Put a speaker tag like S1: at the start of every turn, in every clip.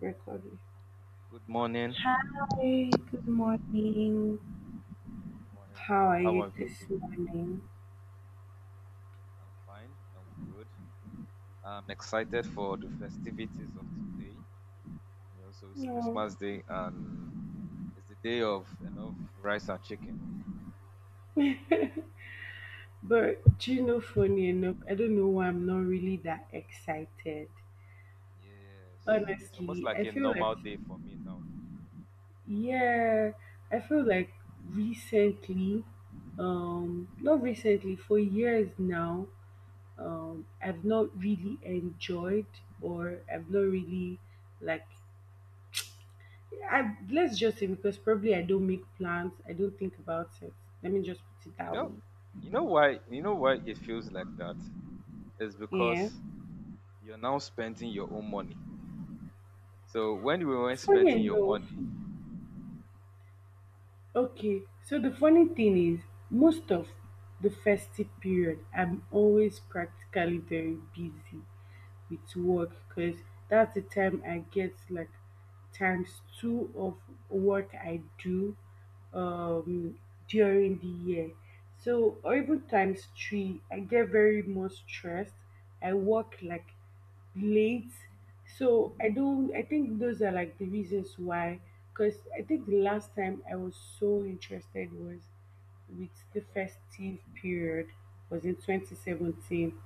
S1: Recording.
S2: Good morning.
S1: Hi, good morning.
S2: Morning,
S1: How
S2: morning.
S1: are
S2: How
S1: you
S2: are we
S1: this
S2: doing?
S1: morning?
S2: I'm fine. I'm good. I'm excited for the festivities of today. So it's
S1: No.
S2: Christmas Day and it's the day of enough rice and chicken.
S1: But do you know, funny enough, I don't know why I'm not really that excited.
S2: Yes, it's almost
S1: Honestly, I
S2: like a
S1: feel like,
S2: normal day for me now.
S1: yeah, I feel like recently, not recently, for years now, I've not really enjoyed or I've not really like I let's just say because probably I don't make plans, I don't think about it. Let me just put it
S2: You
S1: that
S2: know,
S1: way.
S2: you know why? You know why it feels like that? It's
S1: Yeah.
S2: because you're now spending your own money. So when we weren't
S1: Funny
S2: spending your
S1: enough,
S2: money,
S1: okay. So the funny thing is, most of the festive period, I'm always practically very busy with work because that's the time I get like times two of work I do um, during the year. So, or even times three, I get very much stressed. I work like late. So I don't. I think those are like the reasons why. Because I think the last time I was so interested was with the
S2: okay,
S1: festive period was in 2017.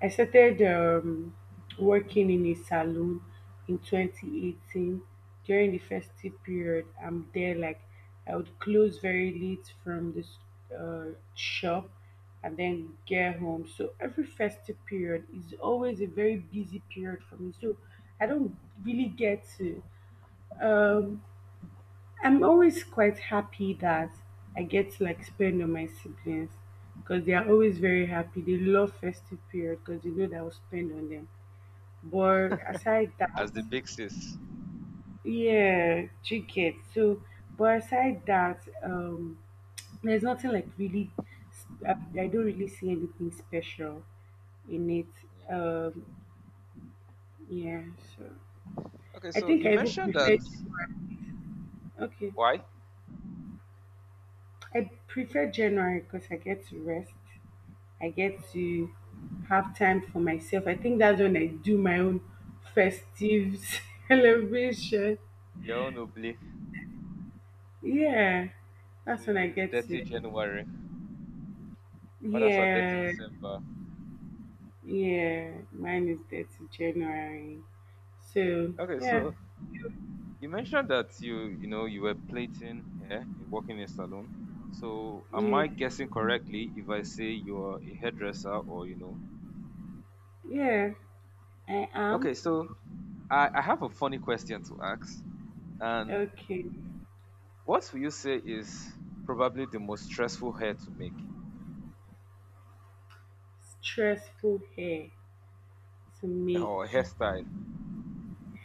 S1: I started working in a salon in 2018 during the festive period. I'm there like I would close very late from this
S2: yeah,
S1: shop and then get home. So every festive period is always a very busy period for me. So I don't really get to um, I'm always quite happy that I get to like spend on my siblings because they are always very happy. They love festive period because they know that I'll spend on them. But aside that,
S2: as the big sis,
S1: yeah, chicken. So, but aside that, there's nothing like really. I don't really see anything special in it.
S2: yeah, true.
S1: Yeah. So
S2: Okay,
S1: I
S2: so
S1: think
S2: you
S1: I even
S2: mentioned that.
S1: prefer January. Okay,
S2: Why?
S1: I prefer January because I get to rest. I get
S2: Oh,
S1: to
S2: okay.
S1: have time for myself. I think that's when I do my own festive celebration.
S2: Your own obli.
S1: Yeah,
S2: So
S1: that's when
S2: your
S1: I
S2: own is
S1: get
S2: dirty
S1: to.
S2: January. Others are dirty
S1: Yeah,
S2: December.
S1: yeah. Mine is 30th January. So,
S2: Okay,
S1: yeah,
S2: so you mentioned that you were plating hair and working in a salon. So am I
S1: yeah,
S2: guessing correctly if I say you're a hairdresser or you know?
S1: yeah, I am.
S2: Okay, so I have a funny question to ask. And
S1: Okay.
S2: what will you say is probably the most stressful hair to make
S1: Stressful hair to make,
S2: or hairstyle?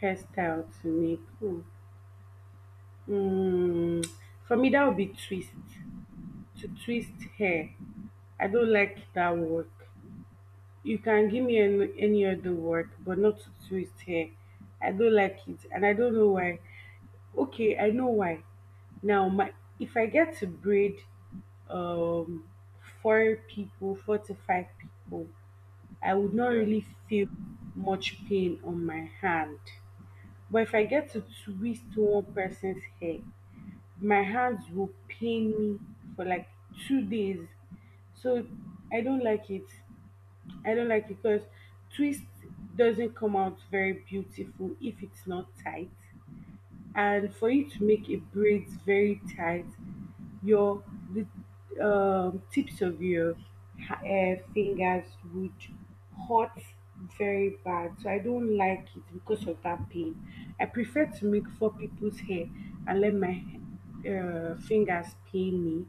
S1: hairstyle to make. Ooh. Mm, for me, that would be twist. To twist hair. I don't like that work. You can give me any other work, but not to twist hair. I don't like it, and I don't know why. Okay, I know why. Now, my if I get to braid um 4 people, 4 to 5 people, I would not
S2: Yeah.
S1: really feel much pain on my hand. But if I get to
S2: Um,
S1: twist one person's hair, my hands will pain me for like 2 days. So I don't like it. I don't like it because twist doesn't come out very beautiful if it's not tight,
S2: yeah,
S1: and for
S2: true.
S1: you to make a braids very tight, your the tips of your fingers would hurt very bad. So I don't like it because of that pain. I prefer to make 4 people's hair and let my fingers pain me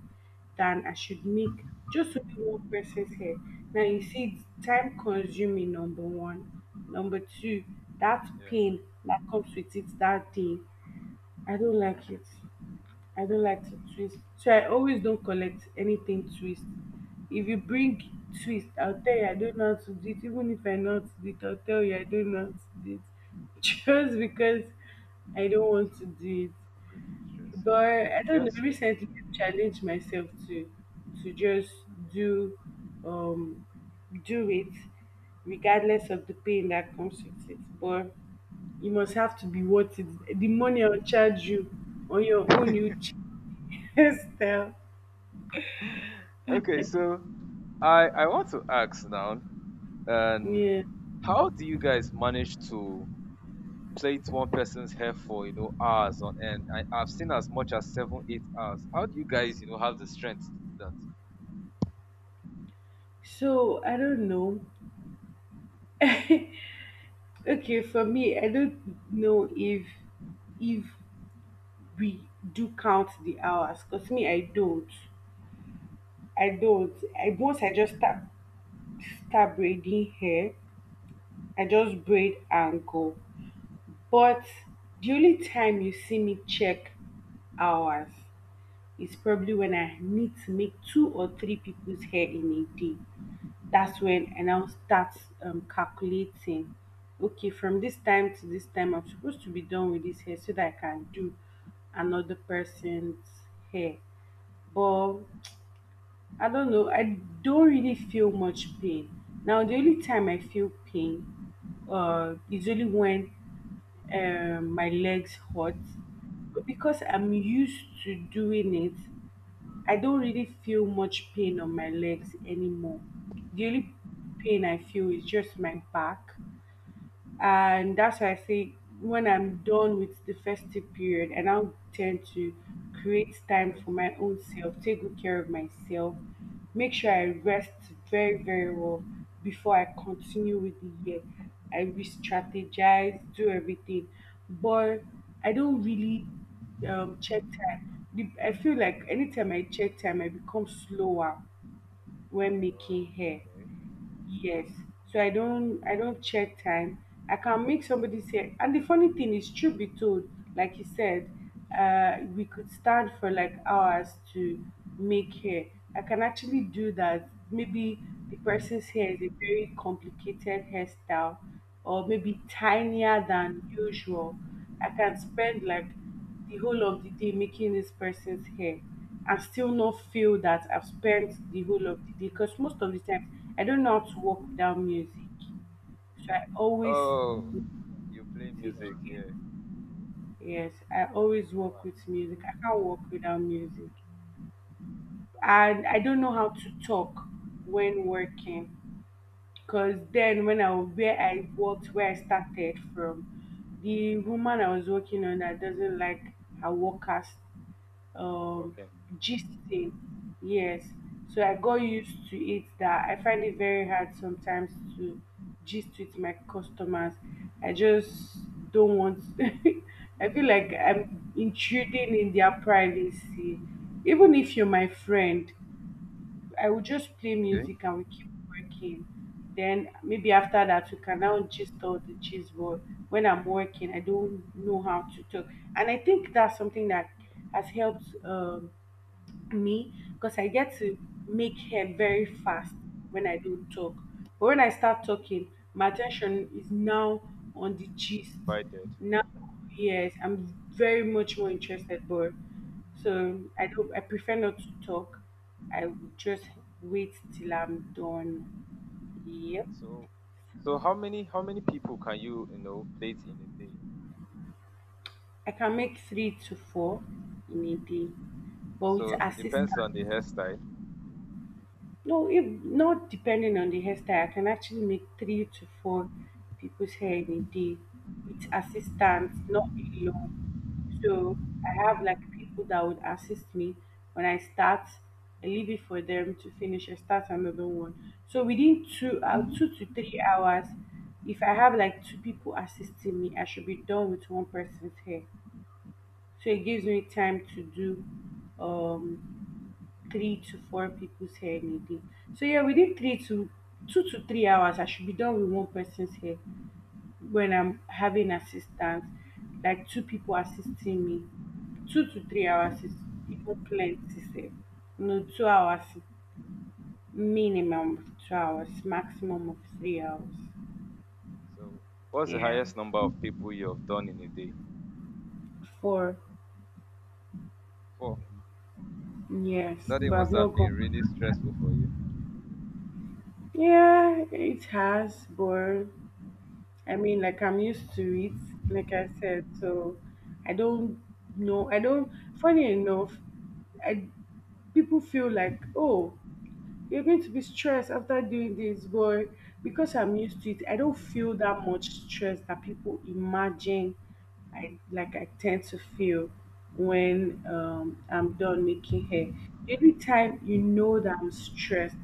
S1: than I should make just only one person's hair. Now you see, it's time consuming. Number one, number two, that
S2: Yeah.
S1: pain that comes with it that day, I don't like it. I don't like to twist. So I always don't collect anything twist. If you bring twist, I'll tell you I don't know how to do it. Even if I know how to do it, I'll tell you I don't know how to do it. Just because I don't want to do it.
S2: Go through stress,
S1: But I
S2: yeah.
S1: don't know,
S2: Yes.
S1: recently I challenged myself to just do um do it regardless of the pain that comes with it. But you must have to be worth it. The money I'll charge you on your own, you just tell.
S2: Yeah. Okay, so I want to ask now, um,
S1: Yeah.
S2: how do you guys manage to plait one person's hair for hours on end? I've seen as much as 7, 8 hours. How do you guys have the strength to do that?
S1: So I don't know. Okay, for me, I don't know if if we do count the hours. Cause me, I don't.
S2: Okay,
S1: I once I just start braiding hair. I just braid and go. But the only time you see me check hours is probably when I need to make 2 or 3 people's hair in a day. That's when, and I'll start calculating. Okay, from this time to this time, I'm supposed to be done with this hair so that I can do another person's hair. But I don't know, I don't really feel much pain. Now, the only time I feel pain is only when my legs hurt. Because I'm used to doing it, I don't really feel much pain on my legs anymore. The only pain I feel is just my back, and that's why I say when I'm done with the festive period, and I'll tend to create time
S2: rest.
S1: for my own self, take good care of myself, make sure I rest very, very well before I continue with the year. I re
S2: Yeah.
S1: strategize, do everything, but I don't really check time. I feel like anytime I check time, I become slower when
S2: Oh,
S1: making hair.
S2: okay.
S1: Yes. So I don't check time. I can make somebody say, and the funny thing is, truth be told, like you said, we could stand for like hours to make hair. I can actually do that. Maybe the person's hair is a very complicated hairstyle or maybe tinier than usual. I can spend like the whole of the day making this person's hair and still not feel that I've spent the whole of the day, because most of the time I don't know how to work without music. So I always
S2: Oh, you play
S1: music.
S2: music.
S1: Yeah.
S2: Yeah.
S1: Yes, I always work
S2: Wow.
S1: with music. I can't work without music. And I don't know how to talk when working, because then when I where I started from, the woman I was working on that doesn't like her workers um
S2: Okay.
S1: gisting. Yes, so I got used to it that I find it very hard sometimes to gist with my customers. I just don't want. I feel like I'm intruding in their privacy. Even if you're my friend, I would just play
S2: Okay.
S1: music and we keep working. Then maybe after that we can now just all the cheese. But when I'm working, I don't know how to talk, and I think that's something that has helped me, because I get to make hair very fast when I don't talk. But when I start talking, my attention is now on the gist.
S2: Divided.
S1: Now, yes, I'm very much more interested, but so I don't. I prefer not to talk. I would just wait till I'm done. Yep,
S2: So, so how many people can you you know plate in a day?
S1: I can make 3 to 4 in a day, but with
S2: So it
S1: assistance.
S2: depends on the hairstyle.
S1: No, if not depending on the hairstyle, I can actually make 3 to 4 people's hair in a day with assistance, not alone. So I have like people that would assist me. When I start, I leave it for them to finish. I start another one. So within 2 to 3 hours, if I have like two people assisting me, I should be done with one person's hair. So it gives
S2: Hmm,
S1: me time to do um 3 to 4 people's hair in a day. So yeah, within three to two to three hours, I should be done with one person's hair when I'm having assistance, like two people assisting me. Two to three
S2: okay.
S1: hours is even plenty safe. No, 2 hours, minimum of 2 hours, maximum of 3 hours.
S2: So what's the
S1: Yeah.
S2: highest number of people you have done in a day?
S1: Four.
S2: Four.
S1: Yes.
S2: That day
S1: But I've
S2: must
S1: not
S2: have been really
S1: gone.
S2: stressful for you.
S1: Yeah, it has, but I mean, like I'm used to it, like I said, so I don't know. I don't. Funny enough, I people feel like oh, you're going to be stressed after doing this, but because I'm used to it, I don't feel that much stress that people imagine I like I tend to feel when I'm done making hair. The only time you know that I'm stressed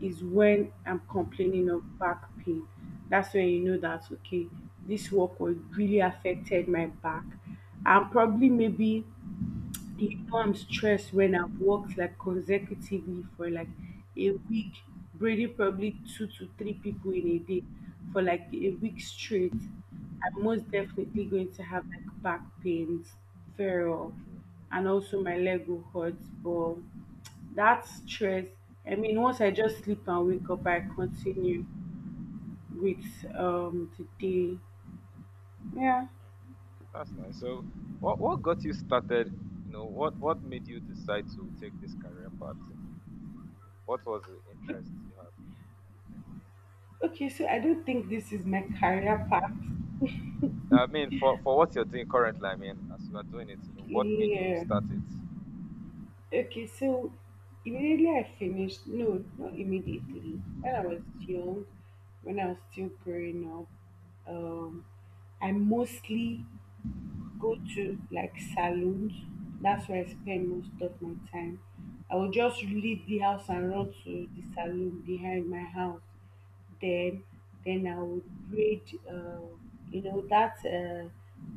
S1: is when I'm complaining of back pain. That's when you know that okay, this work was really affected my back. And probably maybe do You know, I'm stressed when I've worked like consecutively for like a week, braiding probably 2 to 3 people in a day for like a week straight. I'm most definitely going to have like back pains,
S2: Yeah,
S1: feral,
S2: true.
S1: and also my leg will hurt. But that stress, I mean, once I just sleep and wake up, I continue with the day. Yeah.
S2: That's nice. So what got you started? What made you decide to take this career path? What was the interest you had?
S1: Okay, so I don't think this is my career path.
S2: I mean, for what you're doing currently, I mean, as you are doing it, what made you
S1: Yeah.
S2: start it?
S1: Okay, so immediately I finished, no, not immediately. When I was young, when I was still growing up, I mostly go to like saloons. That's where I spend most of my time. I would just leave the house and run to the saloon behind my house. Then, then I would braid. Uh, you know that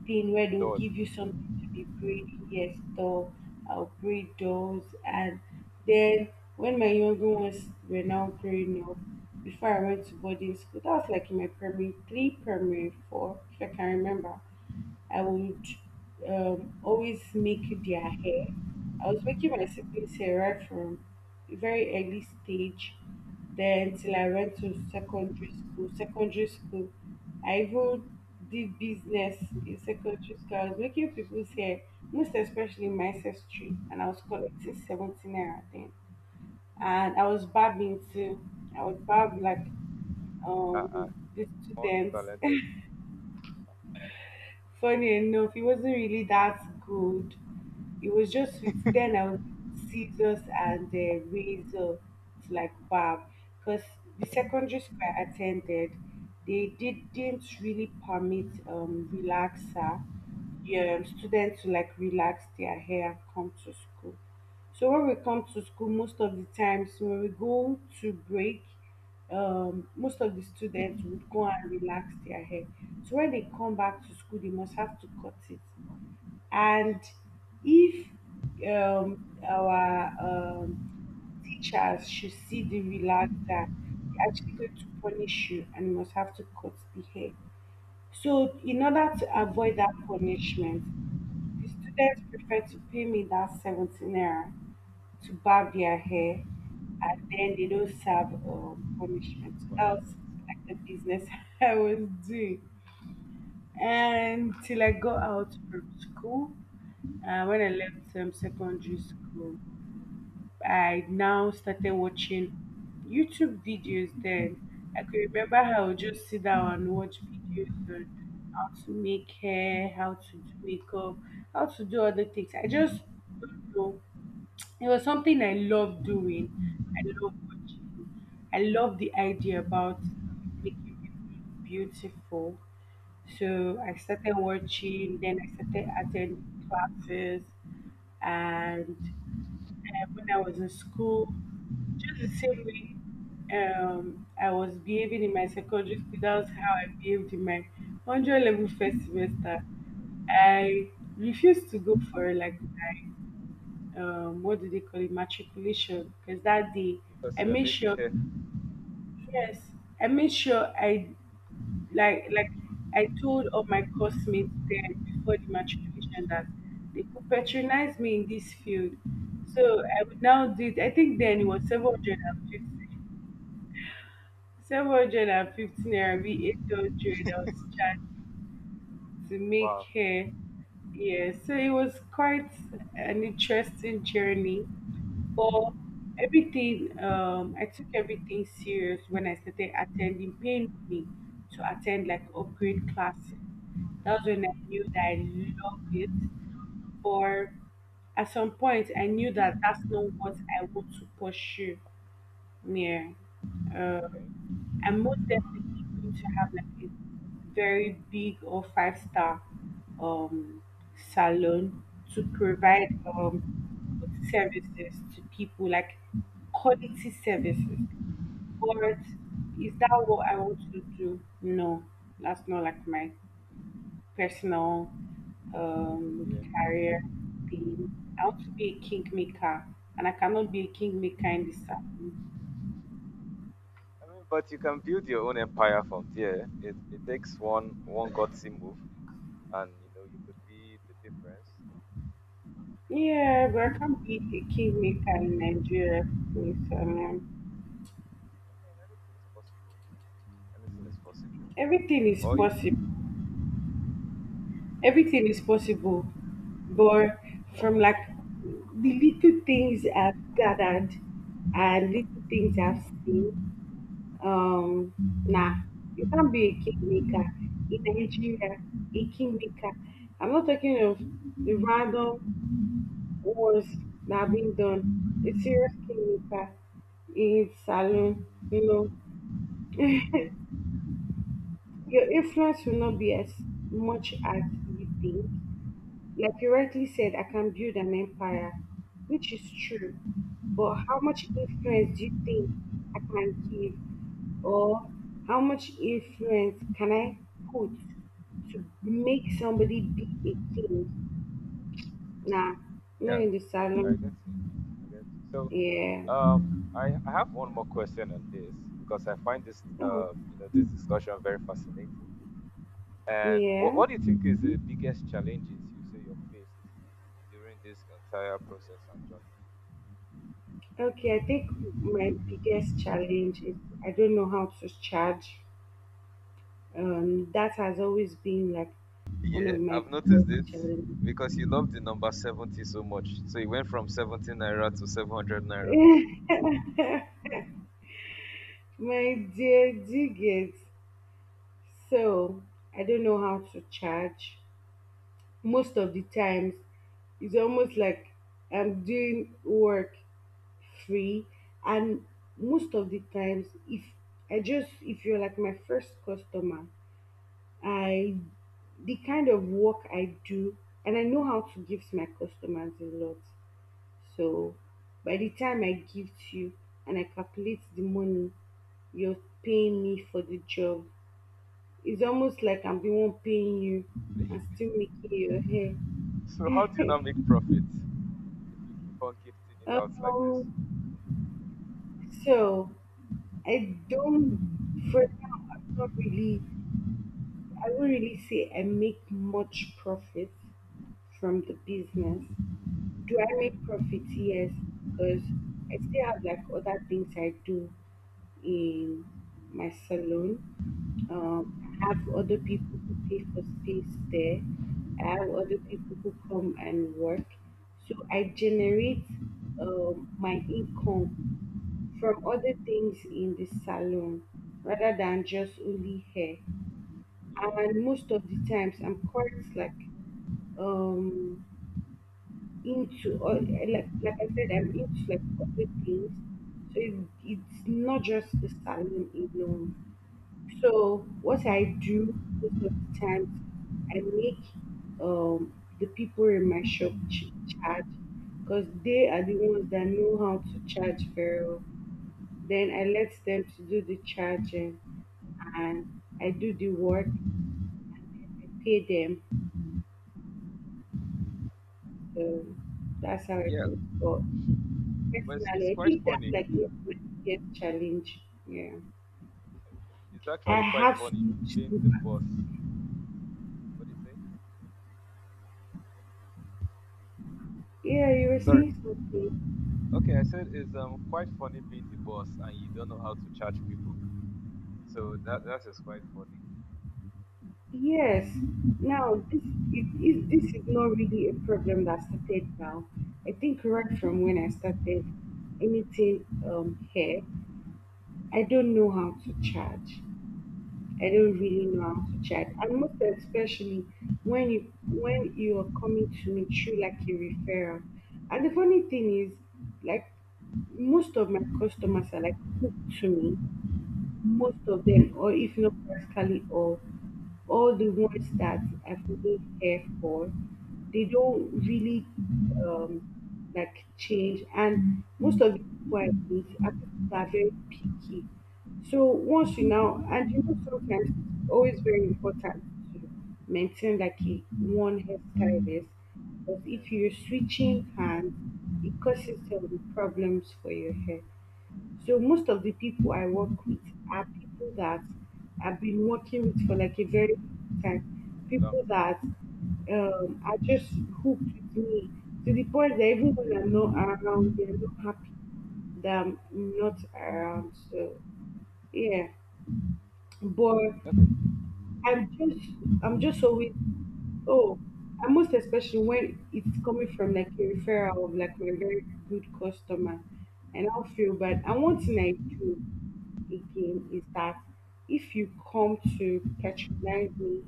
S1: thing where
S2: The
S1: they'll
S2: dog.
S1: give you something to be braiding. Yes, door. I'll braid doors, and then when my younger ones were now growing up, before I went to boarding school, that was like in my primary three, primary four, if I can remember. I would always make their hair. I was making my siblings' hair right from a very early stage. Then till I went to secondary school. Secondary school, I even did business in secondary school. I was making people's hair, most especially my sister, and I was collecting 70 naira then. And I was barbing too. I would barb like
S2: Uh-uh.
S1: the students.
S2: Multi-talented
S1: Funny enough, he wasn't really that good. It was just with then I was scissors and the razor to like barb because the secondary school I attended, they didn't really permit relaxer, yeah, students to like relax their hair and come to school. So when we come to school, most of the times when we go to break, most of the students would go and relax their hair. So when they come back to school, they must have to cut it. And if our um, teachers should see the relaxer, they're actually going to punish you and you must have to cut the hair. So, in order to avoid that punishment, the students prefer to pay me that 17 naira to barb their hair and then they don't serve punishment. So that was
S2: punishment.
S1: like the business I was doing. And till I got out from school, when I left secondary school, I now started watching YouTube videos then. I could remember how I would just sit down and watch videos on how to make hair, how to do makeup, how to do other things. I just don't know, it was something I love doing. I love watching. I love the idea about making people beautiful.
S2: Yeah.
S1: So I started watching, then I started attending classes. And when I was in school, just the same way I was behaving in my secondary school, that was how I behaved in my 100 level first semester. I refused to go for like what do they call it, matriculation. Because that day, I
S2: Because you are
S1: made
S2: making
S1: sure,
S2: hair.
S1: yes, I made sure I like I told all my classmates then before the matriculation that they could patronize me in this field. So I would now do it. I think then it was 750. 750 naira, be 800 I was charged to make
S2: Wow.
S1: hair. Yeah, so it was quite an interesting journey. But everything, I took everything serious when I started attending painting to attend like upgrade classes. That's when I knew that I loved it. But at some point, I knew that that's not what I want to pursue. Yeah.
S2: Okay.
S1: Um, I'm most definitely going to have like a very big or five star um salon to provide good services to people like quality services. But is that what I want to do? No, that's not like my personal
S2: Yeah.
S1: career thing. I want to be a kingmaker and I cannot be a kingmaker in this salon.
S2: I mean, but you can build your own empire from there. It takes one gutsy move, and you could be the difference.
S1: Yeah, but I can't be a kingmaker in Nigeria, please. I mean,
S2: I mean, anything is possible. Anything is possible.
S1: everything is
S2: Oh, you,
S1: possible. Everything is possible. But from like the little things I've gathered and little things I've seen, um, nah, you can't be a kingmaker in Nigeria. A kingmaker. I'm not talking of the random wars that have been done. A serious kingmaker in salon, you know. Your influence will not be as much as you think. Like you
S2: okay.
S1: rightly said, I can build an empire, which is true. But how much influence do you think I can give, or how much influence can I put to make somebody be a king? Nah, not
S2: Yeah,
S1: in the
S2: yeah. I get
S1: salon.
S2: you. I get you. So,
S1: Yeah.
S2: I have one more question on this because I find this
S1: Oh,
S2: you know this discussion very fascinating. And what
S1: yeah.
S2: what do you think is the biggest challenges you say you faced during this entire process and journey?
S1: Okay, I think my biggest challenge is I don't know how to charge. That has always been like one of
S2: Yeah,
S1: my
S2: I've noticed
S1: biggest
S2: it
S1: challenges.
S2: because he loved the number 70 so much. So he went from 70 naira to 700 naira.
S1: My dear, do you get? So I don't know how to charge. Most of the times, it's almost like I'm doing work free, and most of the times, if I just, if you're like my first customer, I, the kind of work I do, and I know how to give to my customers a lot. So by the time I give to you and I calculate the money you're paying me for the job, it's almost like I'm the one paying you and still making your hair.
S2: So how do you now make profit if you keep on gifting it out
S1: Um,
S2: like this?
S1: so I don't, for now, I'm not really, I won't really say I make much profit from the business. Do I make
S2: Okay,
S1: profit? Yes, because I still have like other things I do in my salon. I have other people who pay for space there. I have other
S2: okay,
S1: people who come and work. So I generate my income from other things in the salon rather than just only hair.
S2: yeah,
S1: And most of the times, I'm quite like um into, or like I said, I'm into like other things. So it, it's not just the salon alone. So what I do most of the times, I make um the people in my shop charge because they are the ones that know how to charge very well.
S2: yeah.
S1: Then I let them to do the charging and I do the work. I pay them. So that's how I
S2: Yeah,
S1: do it. But
S2: but it's
S1: personally, I
S2: quite
S1: think that's
S2: funny.
S1: like one of my biggest challenge. Yeah.
S2: It's
S1: I
S2: actually quite
S1: have so
S2: funny
S1: much
S2: being
S1: silver.
S2: the boss. What do you say?
S1: Yeah, you were
S2: Sorry.
S1: saying something.
S2: Okay, I said it's quite funny being the boss and you don't know how to charge people. So that is quite funny.
S1: Yes. Now this is this is not really a problem that started now. I think right from when I started anything here, I don't know how to charge. I don't really know how to chat. And most especially when you are coming to me through like a referral. And the funny thing is, like most of my customers are like hooked to me, most of
S2: Okay.
S1: them, or if not practically all the ones that I really care for, they don't really like change. And most of the people I meet are people that are very picky. So once you now, and you know, sometimes it's always very important to maintain like a one hairstylist. But if
S2: Yes,
S1: you're
S2: yes.
S1: switching hands, it causes some problems for your hair. So most of the people I work with are people that I've been working with for like a very long time.
S2: Long
S1: People
S2: time.
S1: that
S2: Okay.
S1: are just hooked with me to the point that even when I'm not around, they're not happy that I'm not around. So yeah, but
S2: Okay,
S1: I'm just I'm just always. Oh, and most especially when it's coming from like a referral of like my very good customer, and I'll feel bad. And one thing I do again is that if you come to patronize me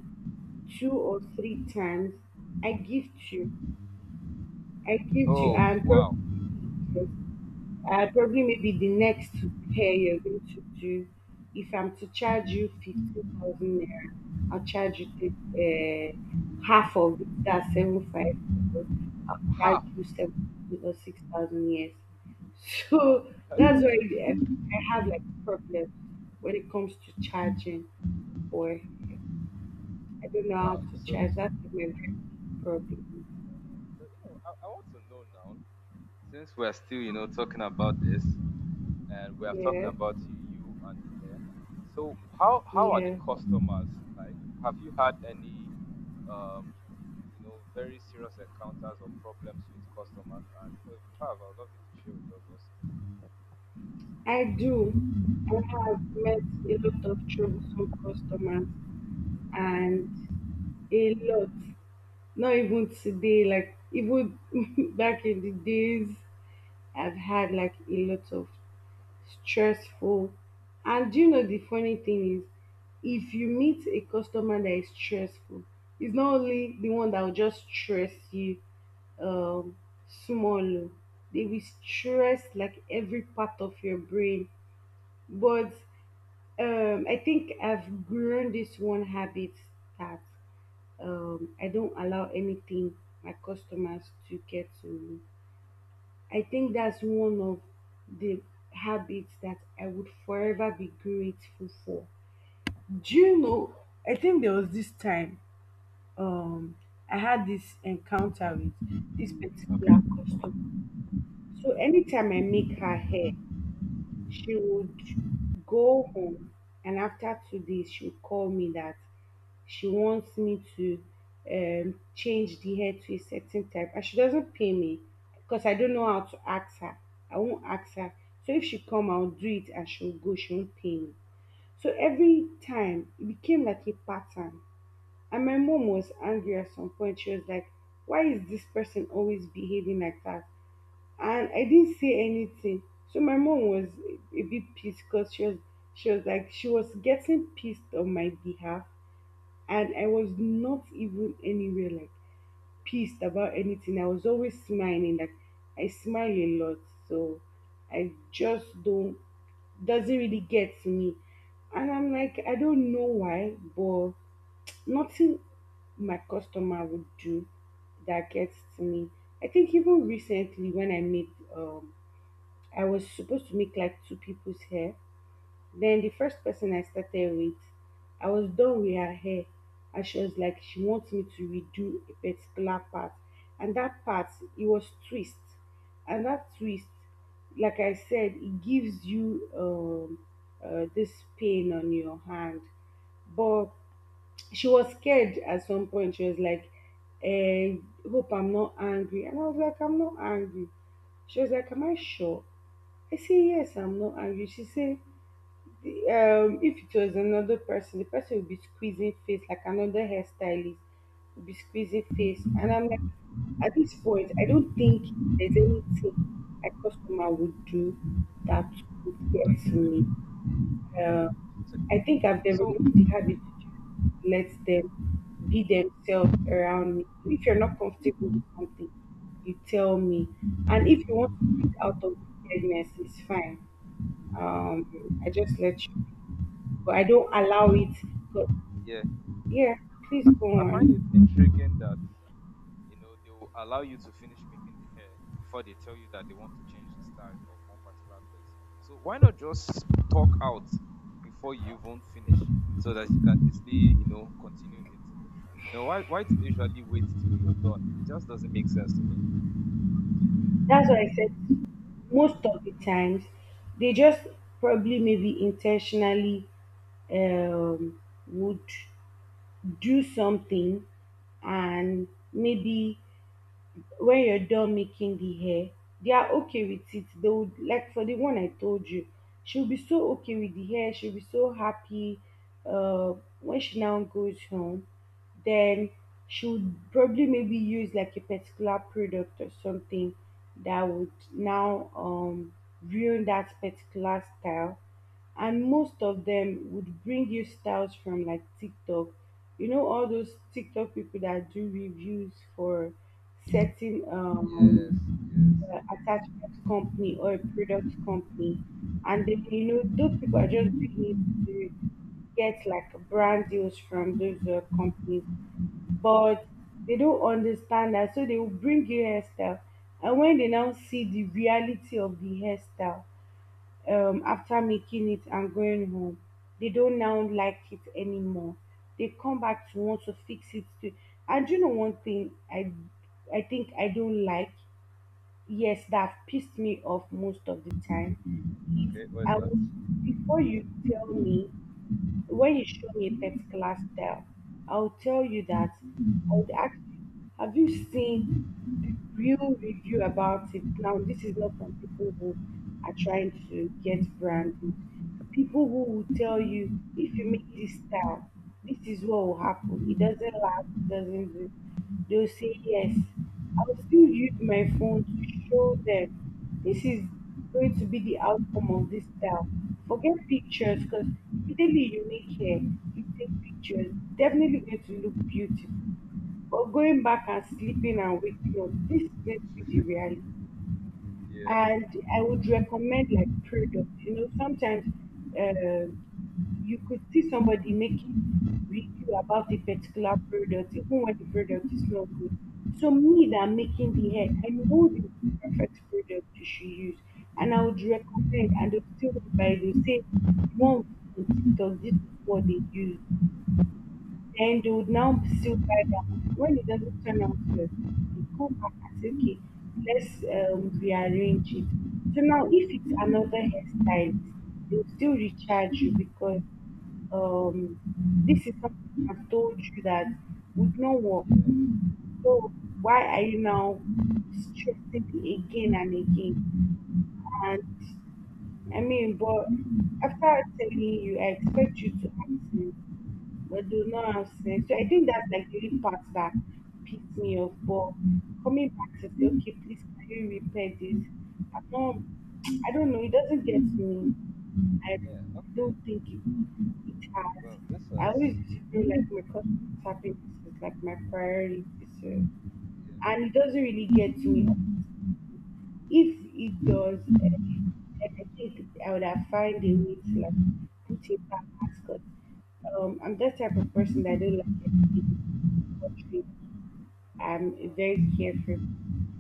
S1: two or three times, I gift you,
S2: oh,
S1: and
S2: wow.
S1: probably probably maybe the next hair you're going to do. If I'm to charge you 15,000 naira, I'll charge you half of it, that's seven five. I'll charge
S2: Half.
S1: you 7 or 6,000 years.
S2: Wow.
S1: So
S2: That
S1: that's
S2: is
S1: why I have like problems when it comes to charging, or I don't know how
S2: wow.
S1: to
S2: So,
S1: charge. That's my main problem.
S2: I want to know now, since we're still, talking about this and we have talked
S1: Yeah,
S2: about you and the hair. So, how are the
S1: yeah.
S2: customers like? Have you had any um, very serious encounters or problems with customers? And if you have, I would love you to share with us also.
S1: I do. I have met a lot of troublesome customers, and a lot. Not even today, like even back in the days, I've had like a lot of stressful. And do you know the funny thing is, if you meet a customer that is stressful, it's not only the one that will just stress you um small. Oh. They will stress like every part of your brain, but I think I've grown this one habit that I don't allow anything my customers to get to me. I think that's one of the habits that I would forever be grateful for. Do you know? I think there was this time um, I had this encounter with this
S2: Okay.
S1: particular customer. So anytime I make her hair, she would go home and after 2 days she would call me that she wants me to change the hair to a certain type and she doesn't pay me, because I don't know how to ask her. I won't ask her. So if she come, I'll do it and she'll go, she won't pay me. So every time it became like a pattern. And my mom was angry at some point. She was like, why is this person always behaving like that? And I didn't say anything. So my mom was a bit pissed, because she was like she was getting pissed on my behalf, and I was not even anywhere like pissed about anything. I was always smiling, like I smile a lot, so I just don't, doesn't really get to me. And I'm like, I don't know why, but nothing my customer would do that gets to me. I think even recently when I made um I was supposed to make like two people's hair. Then the first person I started with, I was done with her hair. And she was like, she wants me to redo a particular part. And that part, it was twist. And that twist, like I said, it gives you this pain on your hand. But she was scared at some point. She was like, eh, hope I'm not angry. And I was like, I'm not angry. She was like, am I sure? I say, yes, I'm not angry. She say, if it was another person, the person would be squeezing face like another hairstylist would be squeezing face. And I'm like, at this point, I don't think there's anything a customer would do that would get
S2: That's
S1: to me.
S2: already.
S1: Uh,
S2: Okay.
S1: I think I've
S2: So,
S1: developed
S2: so
S1: the habit to just let them be themselves around me. If you're not comfortable with something, you tell me. And if you want to do it out of kindness, it's fine. I just let you, but I don't
S2: I
S1: allow
S2: find
S1: it. But
S2: yeah,
S1: yeah, please go
S2: I find
S1: on.
S2: it intriguing that they will allow you to finish making the hair before they tell you that they want to change the style of one particular place. So why not just talk out before you even finish so that you can easily continue it. Why do they usually wait till you're done? It just doesn't make sense to me.
S1: That's why I said most of the times they just probably maybe intentionally um, would do something, and maybe when you're done making the hair, they are okay with it. They would, like, for the one I told you, she'll be so okay with the hair, she'll be so happy. Uh, when she now goes home, then she would probably maybe use like a particular product or something that would now ruin that particular style. And most of them would bring you styles from like TikTok. You know all those TikTok people that do reviews for certain
S2: Yes, yes.
S1: attachment company or a product company. And then, you know, those people are just doing it to get like brand deals from those companies, but they don't understand that. So they will bring you hairstyle. And when they now see the reality of the hairstyle, after making it and going home. They don't now like it anymore. They come back to want to fix it too. And you know one thing I think I don't like, yes, that pissed me off most of the time is
S2: Okay, what is
S1: I
S2: that?
S1: was before you tell me, when you show me a particular style, I'll tell you that I would ask you, have you seen the real review about it? Now, this is not from people who are trying to get branded. People who will tell you, if you make this style, this is what will happen. It doesn't last, it doesn't do. They'll say yes. I'll still use my phone to show them this is going to be the outcome of this style. Forget pictures, because immediately you make hair, you take pictures, definitely going to look beautiful. But going back and sleeping and waking up, this is going to be the reality.
S2: Yeah,
S1: And I would recommend like product. You know, sometimes uh, you could see somebody making review about a particular product, even when the product is not good. So me that I'm making the hair, I know the perfect product you should use, and I would recommend. And they'll still buy. They say, "One on TikTok, this is what they use." And they would now still buy down. When it doesn't turn out well, they come back and say, okay, let's rearrange it. So now, if it's another hairstylist, they'll still recharge you because um, this is something I've told you that would not work.
S2: yeah,
S1: So why are you now stressing me again and again? And I mean, but after telling you, I expect you to act but do not have sense. So I think that's like the only part that pissed me off. But coming back to say, okay, please can you repair this? I'm not, I don't know. It doesn't get me. I
S2: yeah. Okay.
S1: don't think it, it has.
S2: Well, this
S1: I always used
S2: has,
S1: to feel like my customer's happiness is like my priority. So,
S2: yeah,
S1: and it doesn't really get to me. If it does, eh, I think I would have found a way to like put it back as because I'm that type
S2: okay,
S1: of person that I don't like anything buttery. I'm a
S2: wow,
S1: very careful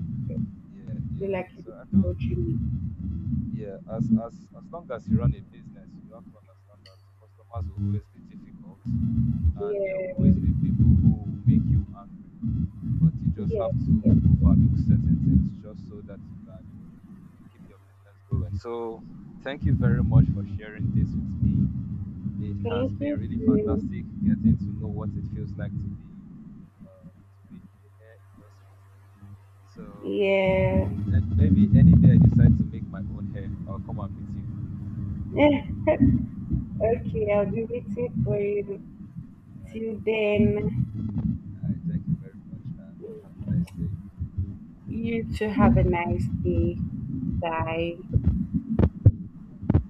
S1: person.
S2: yeah,
S1: I
S2: yeah,
S1: don't like
S2: yeah, so I
S1: anything
S2: feel.
S1: buttery me.
S2: Yeah, as long as you run a business, you have to understand that customers will always be difficult, and there will
S1: Yeah,
S2: always be people who will make you angry. But you just
S1: yes,
S2: have to
S1: yes.
S2: overlook certain things just so that you can keep your business going. So, thank you very much for sharing this with me. It
S1: Thank
S2: has
S1: you,
S2: been really
S1: Sue.
S2: fantastic getting to know what it feels like to be in the hair industry. So
S1: Yeah.
S2: maybe any day I decide to make my own hair, I'll come and meet you.
S1: Okay, I'll be waiting for you.
S2: All right,
S1: Till
S2: no problem.
S1: then,
S2: All right, thank you very much and have a nice day.
S1: you too have a nice day. Bye.